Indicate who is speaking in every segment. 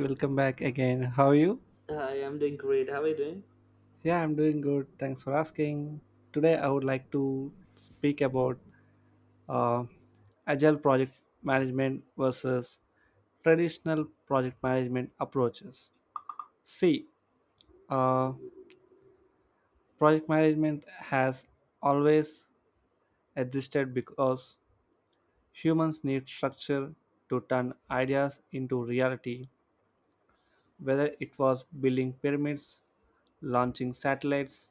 Speaker 1: Welcome back again. How are you?
Speaker 2: Hi, I'm doing great. How are you doing?
Speaker 1: Yeah, I'm doing good. Thanks for asking. Today, I would like to speak about uh, agile project management versus traditional project management approaches. See, uh, project management has always existed because humans need structure to turn ideas into reality, whether it was building pyramids, launching satellites,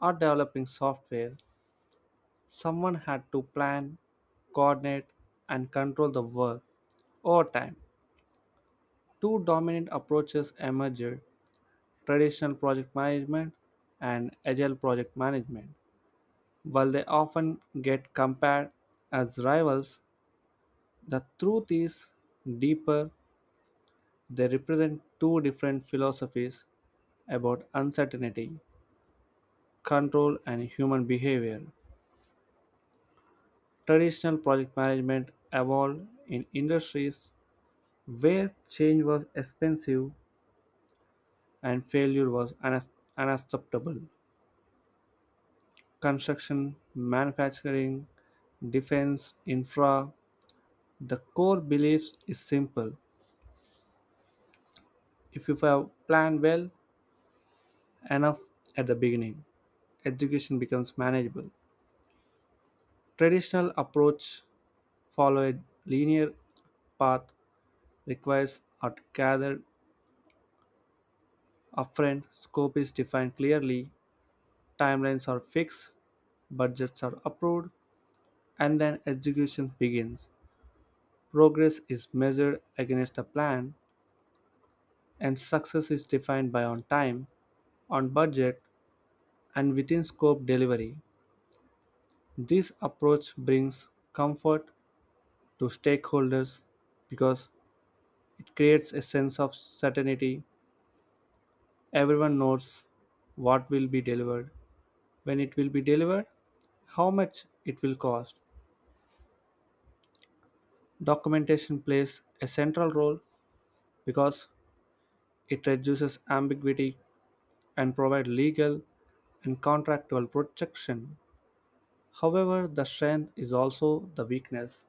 Speaker 1: or developing software. Someone had to plan, coordinate, and control the work. Over time, two dominant approaches emerged: traditional project management and agile project management. While they often get compared as rivals, the truth is deeper. They represent two different philosophies about uncertainty, control, and human behavior. Traditional project management evolved in industries where change was expensive and failure was unacceptable: construction, manufacturing, defense, infra. The core beliefs is simple. If you have planned well enough at the beginning, education becomes manageable. Traditional approach follow a linear path. Requires are gathered upfront, scope is defined clearly, timelines are fixed, budgets are approved, and then execution begins. Progress is measured against a plan, and success is defined by on time, on budget, and within scope delivery. This approach brings comfort to stakeholders because it creates a sense of certainty. Everyone knows what will be delivered, when it will be delivered, how much it will cost. Documentation plays a central role because it reduces ambiguity and provides legal and contractual protection. However, the strength is also the weakness.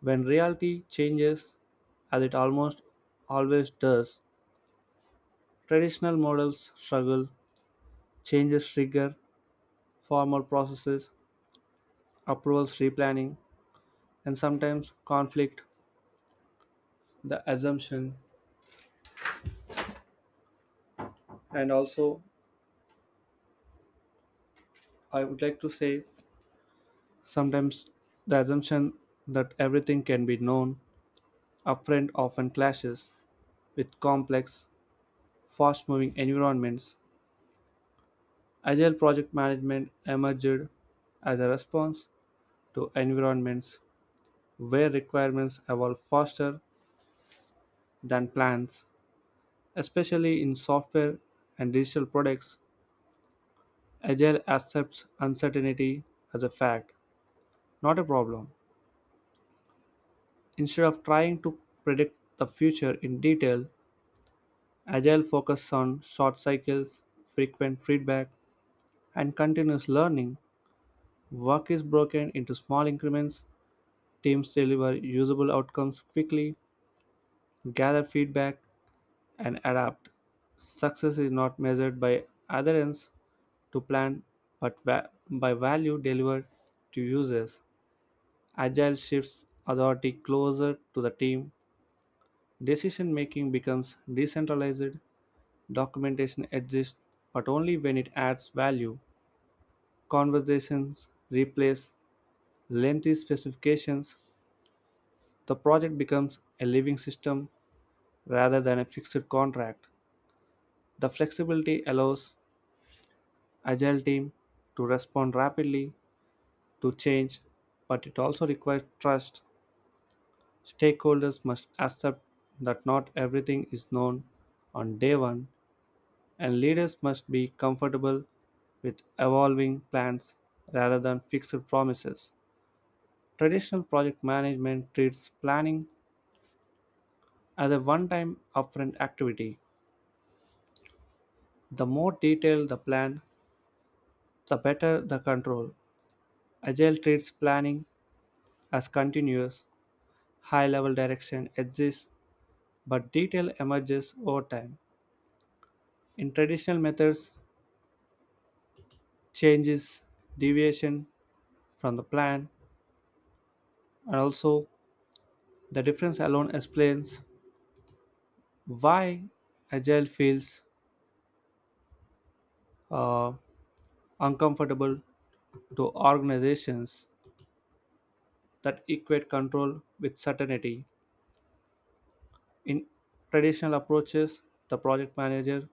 Speaker 1: When reality changes, as it almost always does, traditional models struggle. Changes trigger formal processes, approvals, replanning, and sometimes conflict, the assumption. And also, I would like to say sometimes the assumption that everything can be known upfront often clashes with complex, fast moving environments. Agile project management emerged as a response to environments where requirements evolve faster than plans, especially in software and digital products. Agile accepts uncertainty as a fact, not a problem. Instead of trying to predict the future in detail, Agile focuses on short cycles, frequent feedback, and continuous learning. Work is broken into small increments. Teams deliver usable outcomes quickly, gather feedback, and adapt. Success is not measured by adherence to plan but by value delivered to users. Agile shifts authority closer to the team. Decision making becomes decentralized. Documentation exists but only when it adds value. Conversations replace lengthy specifications. The project becomes a living system rather than a fixed contract. The flexibility allows agile team to respond rapidly to change, but it also requires trust. Stakeholders must accept that not everything is known on day one, and leaders must be comfortable with evolving plans rather than fixed promises. Traditional project management treats planning as a one time upfront activity. The more detailed the plan, the better the control. Agile treats planning as continuous. High level direction exists, but detail emerges over time. In traditional methods, changes, deviation from the plan, and also the difference alone explains why agile feels uh, uncomfortable to organizations that equate control with certainty. In traditional approaches, the project manager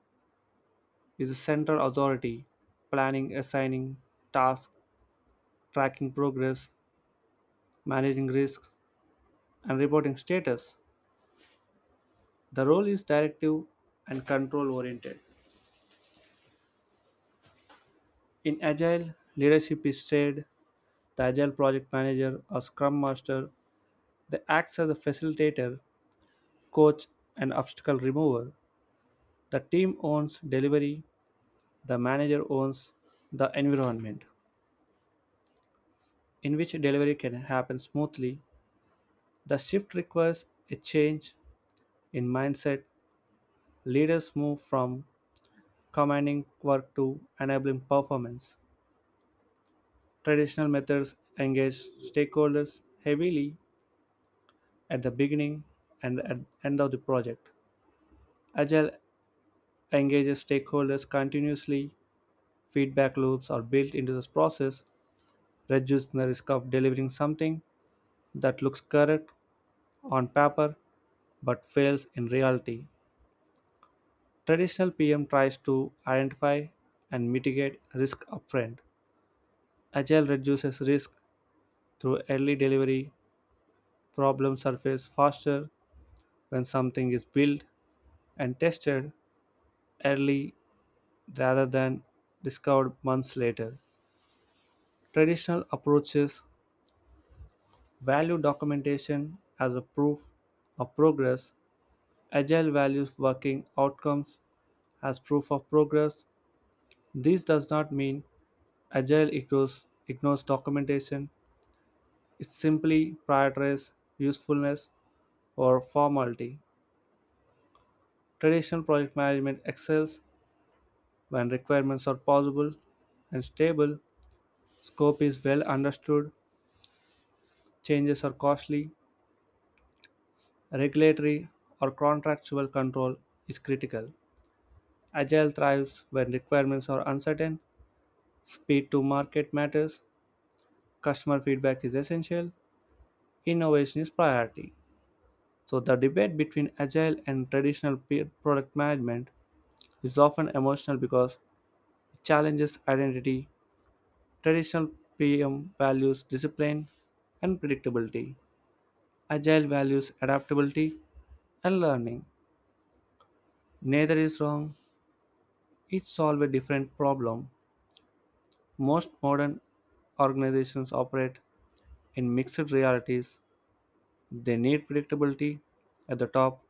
Speaker 1: is the central authority, planning, assigning tasks, tracking progress, managing risks, and reporting status. The role is directive and control oriented. In Agile, leadership is shared. The Agile project manager or Scrum Master that acts as a facilitator, coach, and obstacle remover. The team owns delivery, the manager owns the environment in which delivery can happen smoothly. The shift requires a change in mindset. Leaders move from commanding work to enabling performance. Traditional methods engage stakeholders heavily at the beginning and at end of the project. Agile engages stakeholders continuously. Feedback loops are built into this process, reducing the risk of delivering something that looks correct on paper but fails in reality. Traditional PM tries to identify and mitigate risk upfront. Agile reduces risk through early delivery. Problems surface faster when something is built and tested early rather than discovered months later. Traditional approaches value documentation as a proof of progress. Agile values working outcomes as proof of progress. This does not mean Agile equals ignores documentation. It simply prioritizes usefulness or formality. Traditional project management excels when requirements are possible and stable, scope is well understood, changes are costly, regulatory or contractual control is critical. Agile thrives when requirements are uncertain, speed to market matters, customer feedback is essential, innovation is priority. So the debate between agile and traditional product management is often emotional because it challenges identity. Traditional PM values discipline and predictability. Agile values adaptability and learning. Neither is wrong. Each solve a different problem. Most modern organizations operate in mixed realities. They need predictability at the top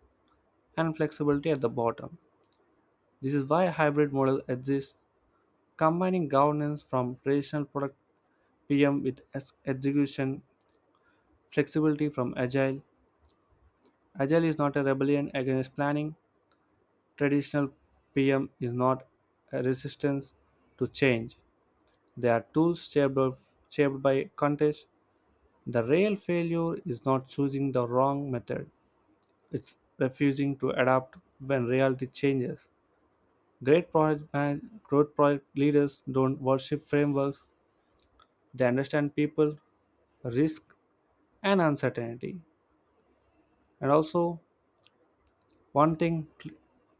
Speaker 1: and flexibility at the bottom. This is why a hybrid model exists, combining governance from traditional product PM with execution flexibility from agile. Agile is not a rebellion against planning. Traditional PM is not a resistance to change. They are tools shaped by context. The real failure is not choosing the wrong method, it's refusing to adapt when reality changes. Great project man, growth project leaders don't worship frameworks, they understand people, risk, and uncertainty. And also, one thing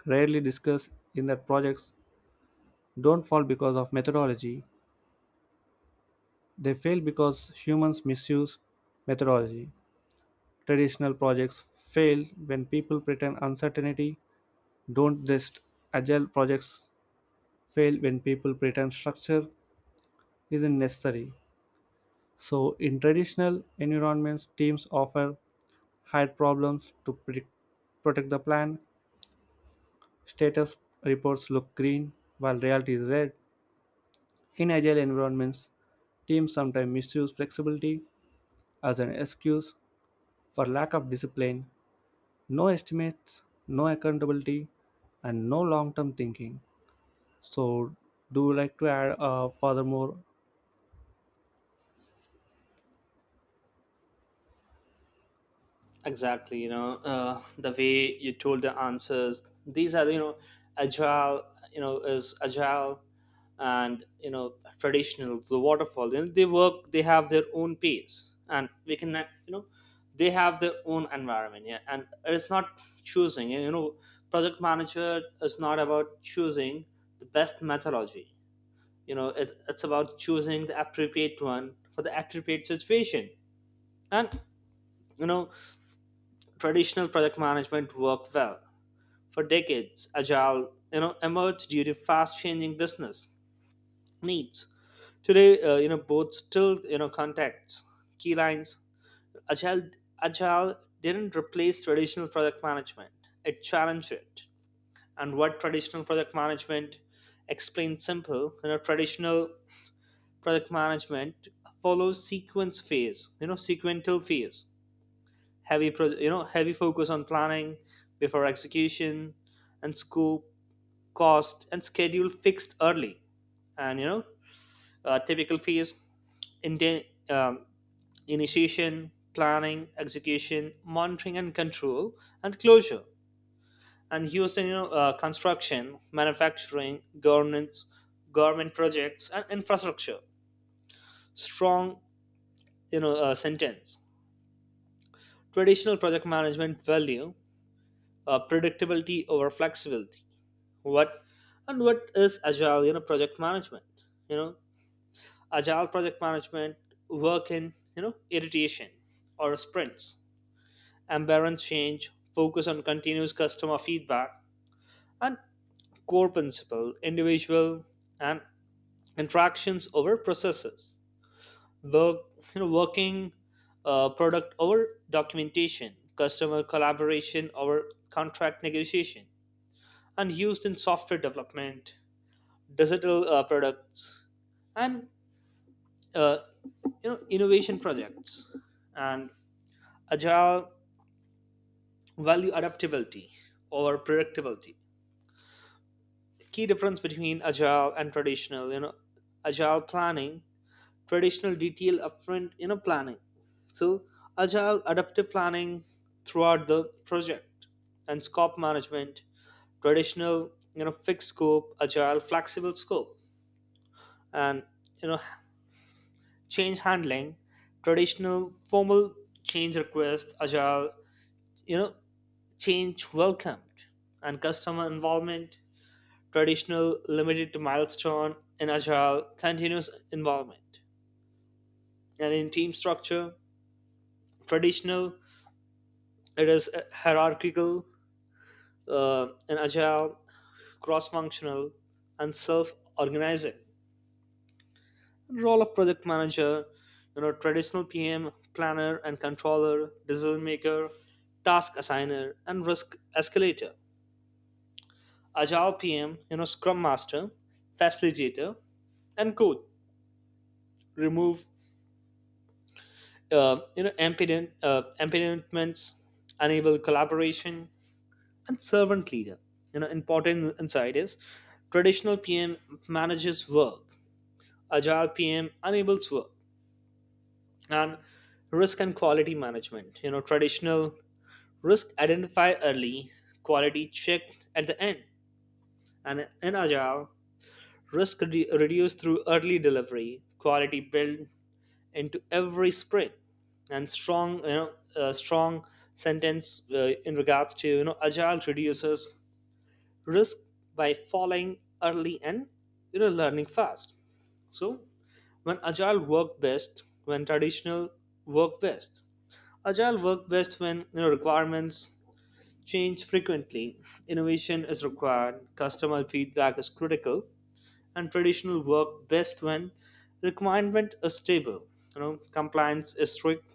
Speaker 1: rarely discussed in that projects don't fall because of methodology, they fail because humans misuse methodology. Traditional projects fail when people pretend uncertainty don't just agile projects fail when people pretend structure isn't necessary. So in traditional environments, teams often hide problems to predict, protect the plan. Status reports look green while reality is red. In agile environments, teams sometimes misuse flexibility as an excuse for lack of discipline, no estimates, no accountability, and no long term thinking. So, do you like to add furthermore?
Speaker 2: Exactly, you know, the way you told the answers, these are, you know, agile, you know, is agile and, you know, traditional, the waterfall, you know, they work, they have their own pace and we can, you know, they have their own environment, yeah, and it's not choosing, you know, project manager is not about choosing the best methodology, you know, it's about choosing the appropriate one for the appropriate situation. And you know, traditional project management worked well for decades. Agile, you know, emerged due to fast changing business needs today. You know, both still, you know, contacts key lines. Agile agile didn't replace traditional project management, it challenged it. And what traditional project management explained simple, you know, traditional project management follows sequence phase, you know, sequential phase, heavy you know, heavy focus on planning before execution, and scope, cost and schedule fixed early. And you know, typical phase in- um, initiation, planning, execution, monitoring and control, and closure. And using, you know, construction, manufacturing, governance, government projects and infrastructure. Strong, you know, sentence, traditional project management value, predictability over flexibility. What, and what is agile, you know, project management? You know, agile project management work in, you know, iteration or sprints, embarrass change, focus on continuous customer feedback. And core principle, individual and interactions over processes. Work you know working product over documentation, customer collaboration over contract negotiation, and used in software development, digital products, and uh, you know, innovation projects. And agile value adaptability or predictability. Key difference between agile and traditional, you know, agile planning, traditional detail upfront, you know, planning. So agile adaptive planning throughout the project. And scope management, traditional, you know, fixed scope, agile flexible scope. And, you know, change handling, traditional, formal change request, agile, you know, change welcomed, and customer involvement, traditional, limited to milestone, and agile, continuous involvement. And in team structure, traditional, it is hierarchical, and agile, cross functional, and self organizing. Role of project manager, you know, traditional pm, planner and controller, decision maker, task assigner and risk escalator. Agile pm, you know, scrum master, facilitator, and code remove, you know, impediments, enable collaboration and servant leader. You know, important insight is traditional pm manages work, agile pm enables work. And risk and quality management, you know, traditional risk identify early, quality checked at the end. And in Agile, reduced through early delivery, quality built into every sprint. And strong, you know, a strong sentence in regards to, you know, Agile reduces risk by falling early and, you know, learning fast. So when Agile work best, when traditional work best, Agile work best when, you know, requirements change frequently, innovation is required, customer feedback is critical. And traditional work best when requirement is stable. You know, compliance is strict,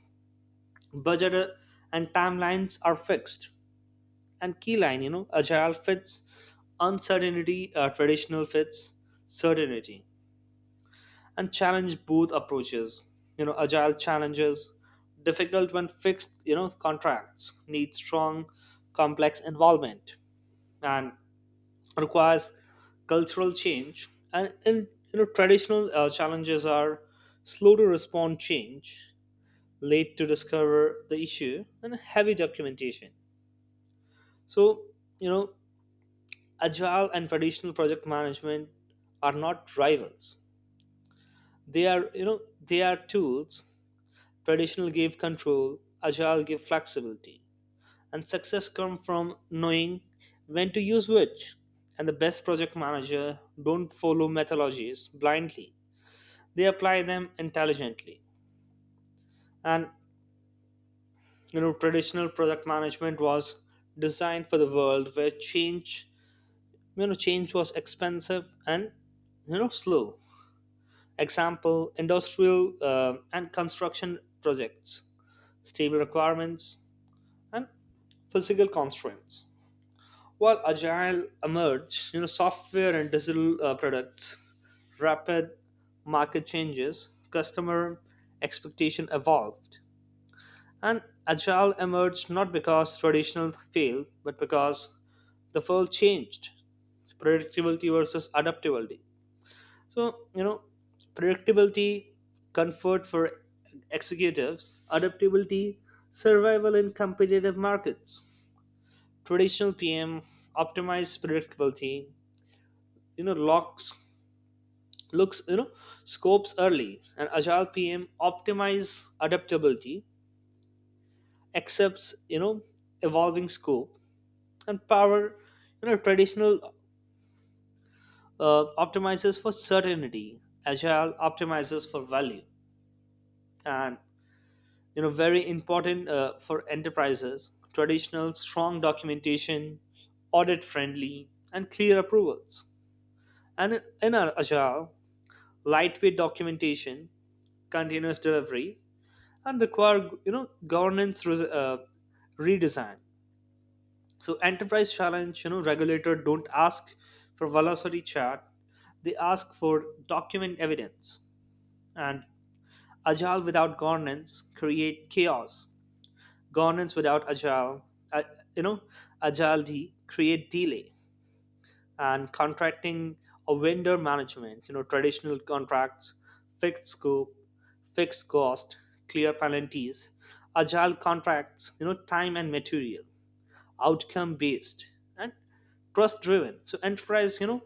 Speaker 2: budget and timelines are fixed. And key line, you know, agile fits uncertainty, traditional fits certainty, and challenge both approaches. You know, agile challenges difficult when fixed. You know, contracts need strong, complex involvement and requires cultural change. And you know, traditional challenges are slow to respond change, late to discover the issue and heavy documentation. So, you know, agile and traditional project management are not rivals, they are, you know, they are tools. Traditional give control, agile give flexibility. And success comes from knowing when to use which. And the best project manager don't follow methodologies blindly, they apply them intelligently. And you know, traditional project management was designed for the world where change, you know, change was expensive and, you know, slow. Example, industrial and construction projects, stable requirements and physical constraints. While agile emerged, you know, software and digital products, rapid market changes, customer expectation evolved. And agile emerged not because traditional failed, but because the field changed. Predictability versus adaptability. So you know, predictability, comfort for executives, adaptability, survival in competitive markets. Traditional PM optimized predictability, you know, locks looks you know, scopes early. And agile pm optimize adaptability, accepts, you know, evolving scope. And power, you know, traditional optimizes for certainty, agile optimizes for value. And, you know, very important for enterprises, traditional strong documentation, audit friendly and clear approvals. And in our agile, lightweight documentation, continuous delivery, and require, you know, governance redesign. So enterprise challenge, you know, regulator don't ask for velocity chart, they ask for document evidence. And agile without governance create chaos, governance without agile, uh, you know, agility create delay. And contracting or vendor management, you know, traditional contracts, fixed scope, fixed cost, clear penalties. Agile contracts, you know, time and material, outcome based and trust driven. So enterprise, you know,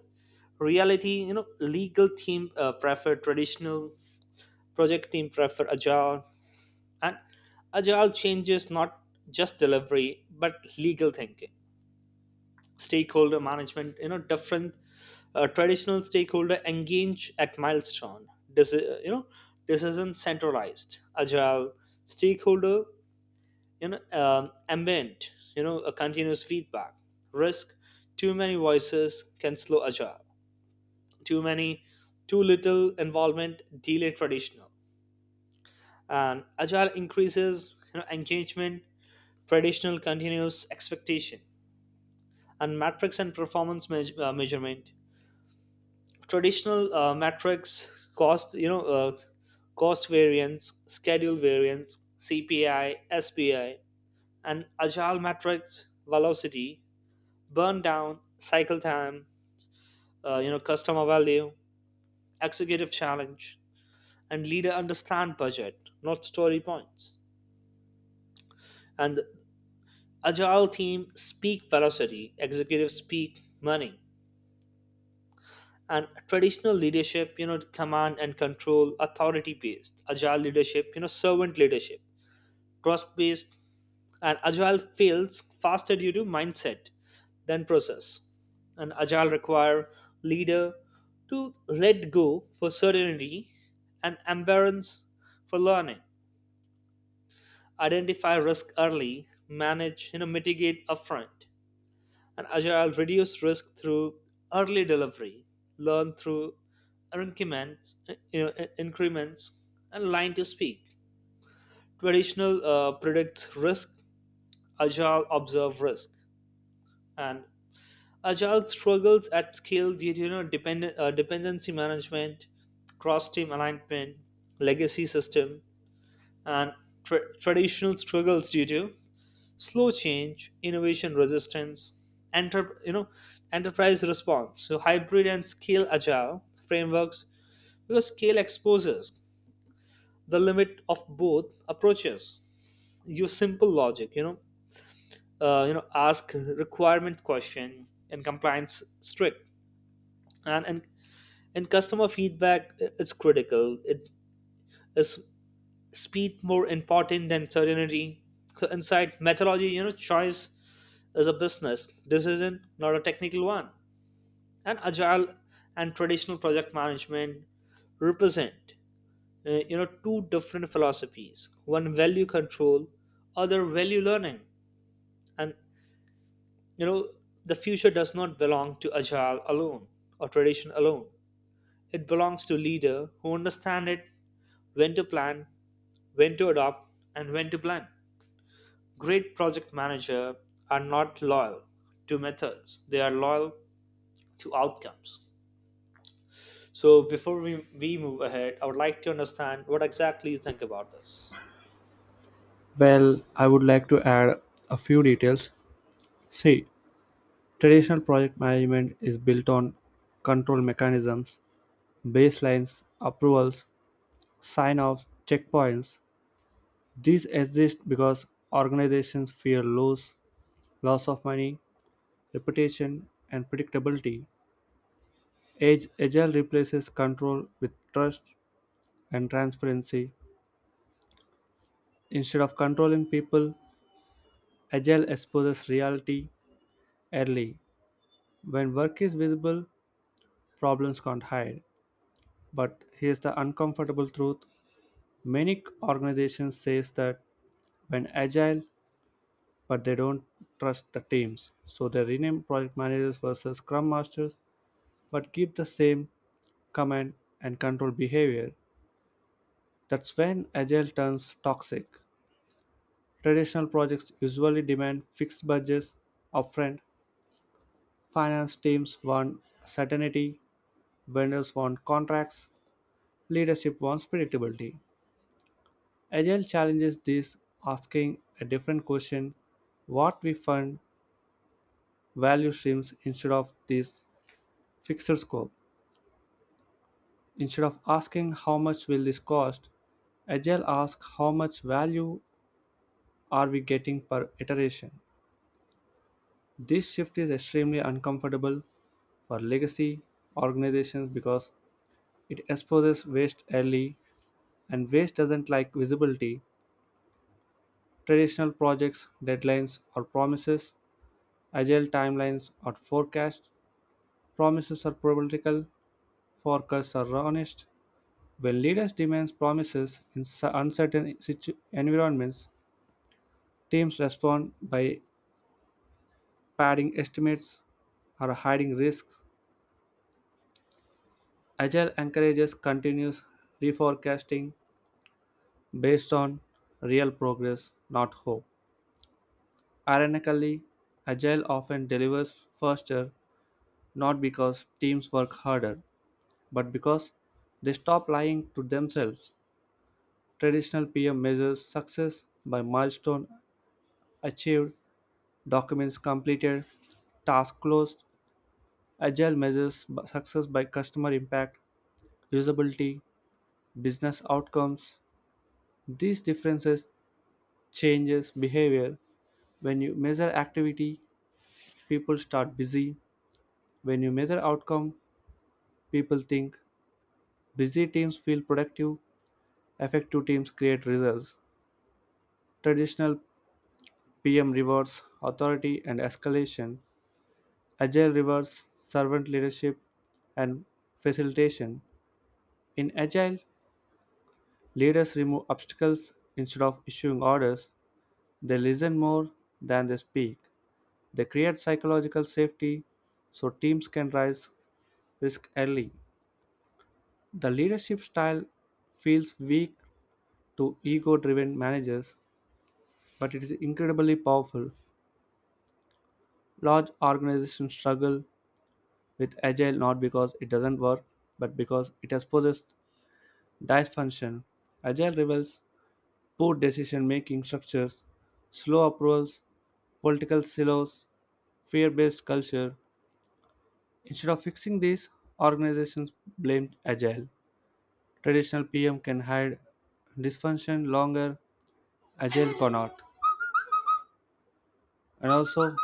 Speaker 2: reality, you know, legal team prefer traditional, project team prefer agile. And agile changes not just delivery but legal thinking. Stakeholder management, you know, different, traditional stakeholder engage at milestone, this is, you know, decision centralized. Agile stakeholder, you know, ambient, you know, a continuous feedback. Risk, too many voices can slow agile, too many too little involvement delay traditional. And agile increases, you know, engagement, traditional continuous expectation. And metrics and performance measurement, traditional metrics cost, you know, cost variance, schedule variance, cpi, spi. And agile metrics, velocity, burn down, cycle time, you know, customer value. Executive challenge and leader understand budget, not story points. And agile team speak velocity, executive speak money. And traditional leadership, you know, command and control, authority based. Agile leadership, you know, servant leadership, trust based. And agile fails faster due to mindset than process. And agile require leader to let go for certainty and embarrass for learning. Identify risk early, manage, you know, mitigate upfront. And agile reduce risk through early delivery, learn through increments, you know, increments. And line to speak, traditional predicts risk, agile observe risk. And agile struggles at scale due to, you know, dependent dependency management, cross team alignment, legacy system. And traditional struggles due to slow change, innovation resistance, enter, you know, enterprise response. So hybrid and scale agile frameworks because scale exposes the limit of both approaches. Use simple logic, you know, ask requirement question and compliance strict and and and customer feedback is critical. It is speed more important than certainty. So inside methodology, you know, choice is a business decision, not a technical one. And agile and traditional project management represent, you know, two different philosophies, one value control, other value learning. And you know, the future does not belong to agile alone or tradition alone, it belongs to leader who understand it, when to plan, when to adopt, and when to plan. Great project manager are not loyal to methods, they are loyal to outcomes. So before we move ahead, I would like to understand what exactly you think about this.
Speaker 1: Well, I would like to add a few details. See, traditional project management is built on control mechanisms, baselines, approvals, sign offs, checkpoints. These exist because organizations fear loss, loss of money, reputation, and predictability. Agile replaces control with trust and transparency. Instead of controlling people, Agile exposes reality early. When work is visible, problems can't hide. But here's the uncomfortable truth. Many organizations says that when agile, but they don't trust the teams. So they rename project managers versus scrum masters, but keep the same command and control behavior. That's when agile turns toxic. Traditional projects usually demand fixed budgets upfront. Finance teams want certainty, vendors want contracts, leadership wants predictability. Agile challenges this, asking a different question: what we fund value streams instead of this fixed scope. Instead of asking how much will this cost, Agile asks how much value are we getting per iteration. This shift is extremely uncomfortable for legacy organizations because it exposes waste early and waste doesn't like visibility. Traditional projects, deadlines, or promises, agile timelines, or forecasts. Promises are political, forecasts are honest. When leaders demand promises in uncertain environments, teams respond by padding estimates or hiding risks. Agile encourages continuous reforecasting based on real progress, not hope. Ironically, Agile often delivers faster not because teams work harder, but because they stop lying to themselves. Traditional PM measures success by milestone achieved, documents completed, task closed. Agile measures success by customer impact, usability, business outcomes. These differences changes behavior. When you measure activity, people start busy. When you measure outcome, people think. Busy teams feel productive, effective teams create results. Traditional PM rewards authority and escalation, agile rewards servant leadership and facilitation. In agile, leaders remove obstacles instead of issuing orders. They listen more than they speak. They create psychological safety so teams can rise risk early. The leadership style feels weak to ego driven managers, but it is incredibly powerful. Large organizations struggle with agile not because it doesn't work, but because it has possessed dysfunction. Agile reveals poor decision making structures, slow approvals, political silos, fear based culture. Instead of fixing these, organizations blame Agile. Traditional PM can hide dysfunction longer, Agile cannot. And also,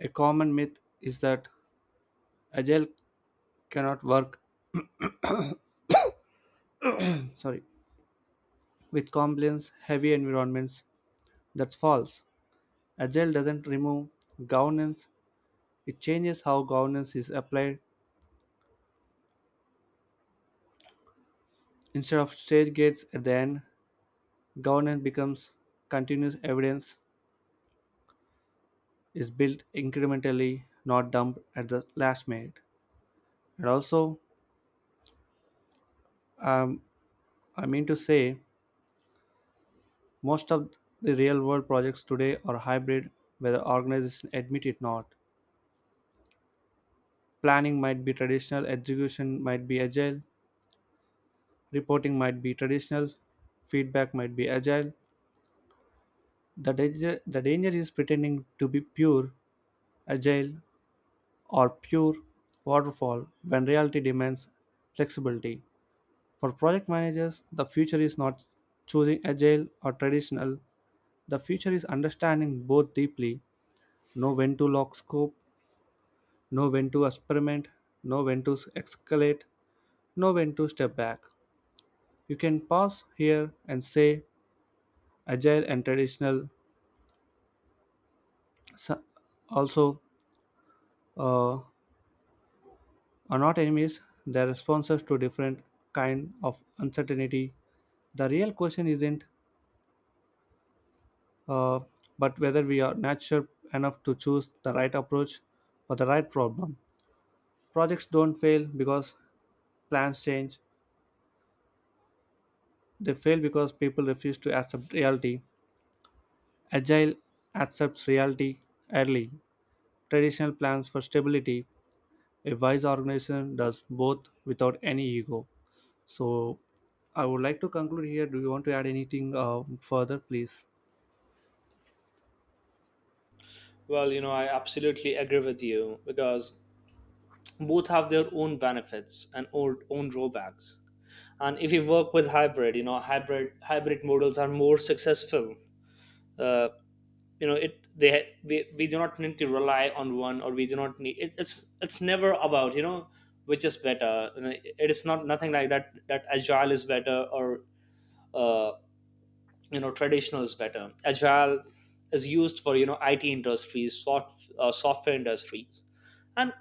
Speaker 1: a common myth is that Agile cannot work, sorry, with compliance heavy environments. That's false. Agile doesn't remove governance, it changes how governance is applied. Instead of stage gates at the end, governance becomes continuous evidence is built incrementally, not dumped at the last minute. And also, um, I mean to say, most of the real world projects today are hybrid, whether organizations admit it or not. Planning might be traditional, execution might be agile, reporting might be traditional, feedback might be agile. The the danger is pretending to be pure, agile, or pure waterfall when reality demands flexibility. For project managers, the future is not choosing agile or traditional. The future is understanding both deeply, know when to lock scope, know when to experiment, know when to escalate, know when to step back. You can pause here and say agile and traditional s- also uh, are not enemies, they are responses to different kind of uncertainty. The real question isn't uh, but whether we are natural enough to choose the right approach for the right problem. Projects don't fail because plans change. They fail because people refuse to accept reality. Agile accepts reality early. Traditional plans for stability. A wise organization does both without any ego. So I would like to conclude here. Do you want to add anything further, please?
Speaker 2: Well, you know, I absolutely agree with you because both have their own benefits and own drawbacks. And if you work with hybrid, you know, hybrid models are more successful. Uh, you know, it we do not need to rely on one, or we do not need it, it's never about you know, which is better. You know, it is not nothing like that, that agile is better or uh, you know, traditional is better. Agile is used for, you know, it industries, software industries. And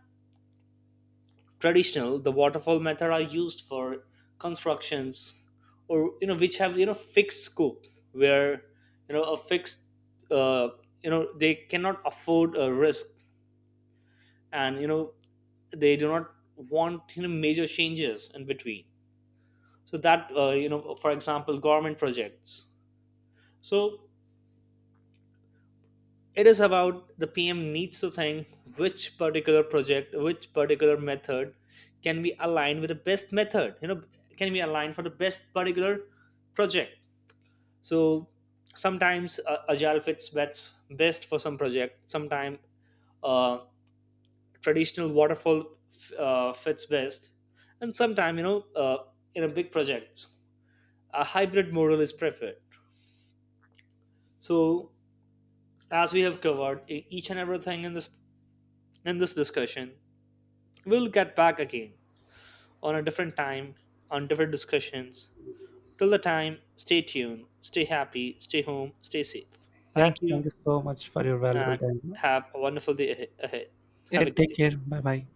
Speaker 2: traditional, the waterfall method, are used for constructions or, you know, which have, you know, fixed scope, where, you know, a fixed, uh, you know, they cannot afford a risk. And you know, they do not want, you know, major changes in between. So that, you know, for example, government projects. So it is about the pm needs to think which particular project, which particular method, can be aligned with the best method, you know, can be aligned for the best particular project. So sometimes, agile fits best for some project, sometimes uh, traditional waterfall fits best. And sometimes, you know, in a big projects, a hybrid model is preferred. So as we have covered each and everything in this, in this discussion, we'll get back again on a different time, on different discussions. Till the time, stay tuned, stay happy, stay home, stay safe.
Speaker 1: Yeah,
Speaker 2: Thank
Speaker 1: thank
Speaker 2: you,
Speaker 1: you so much for your valuable
Speaker 2: and
Speaker 1: time.
Speaker 2: have a wonderful day ahead.
Speaker 1: Yeah,
Speaker 2: Have a good
Speaker 1: take
Speaker 2: day.
Speaker 1: care. Bye bye.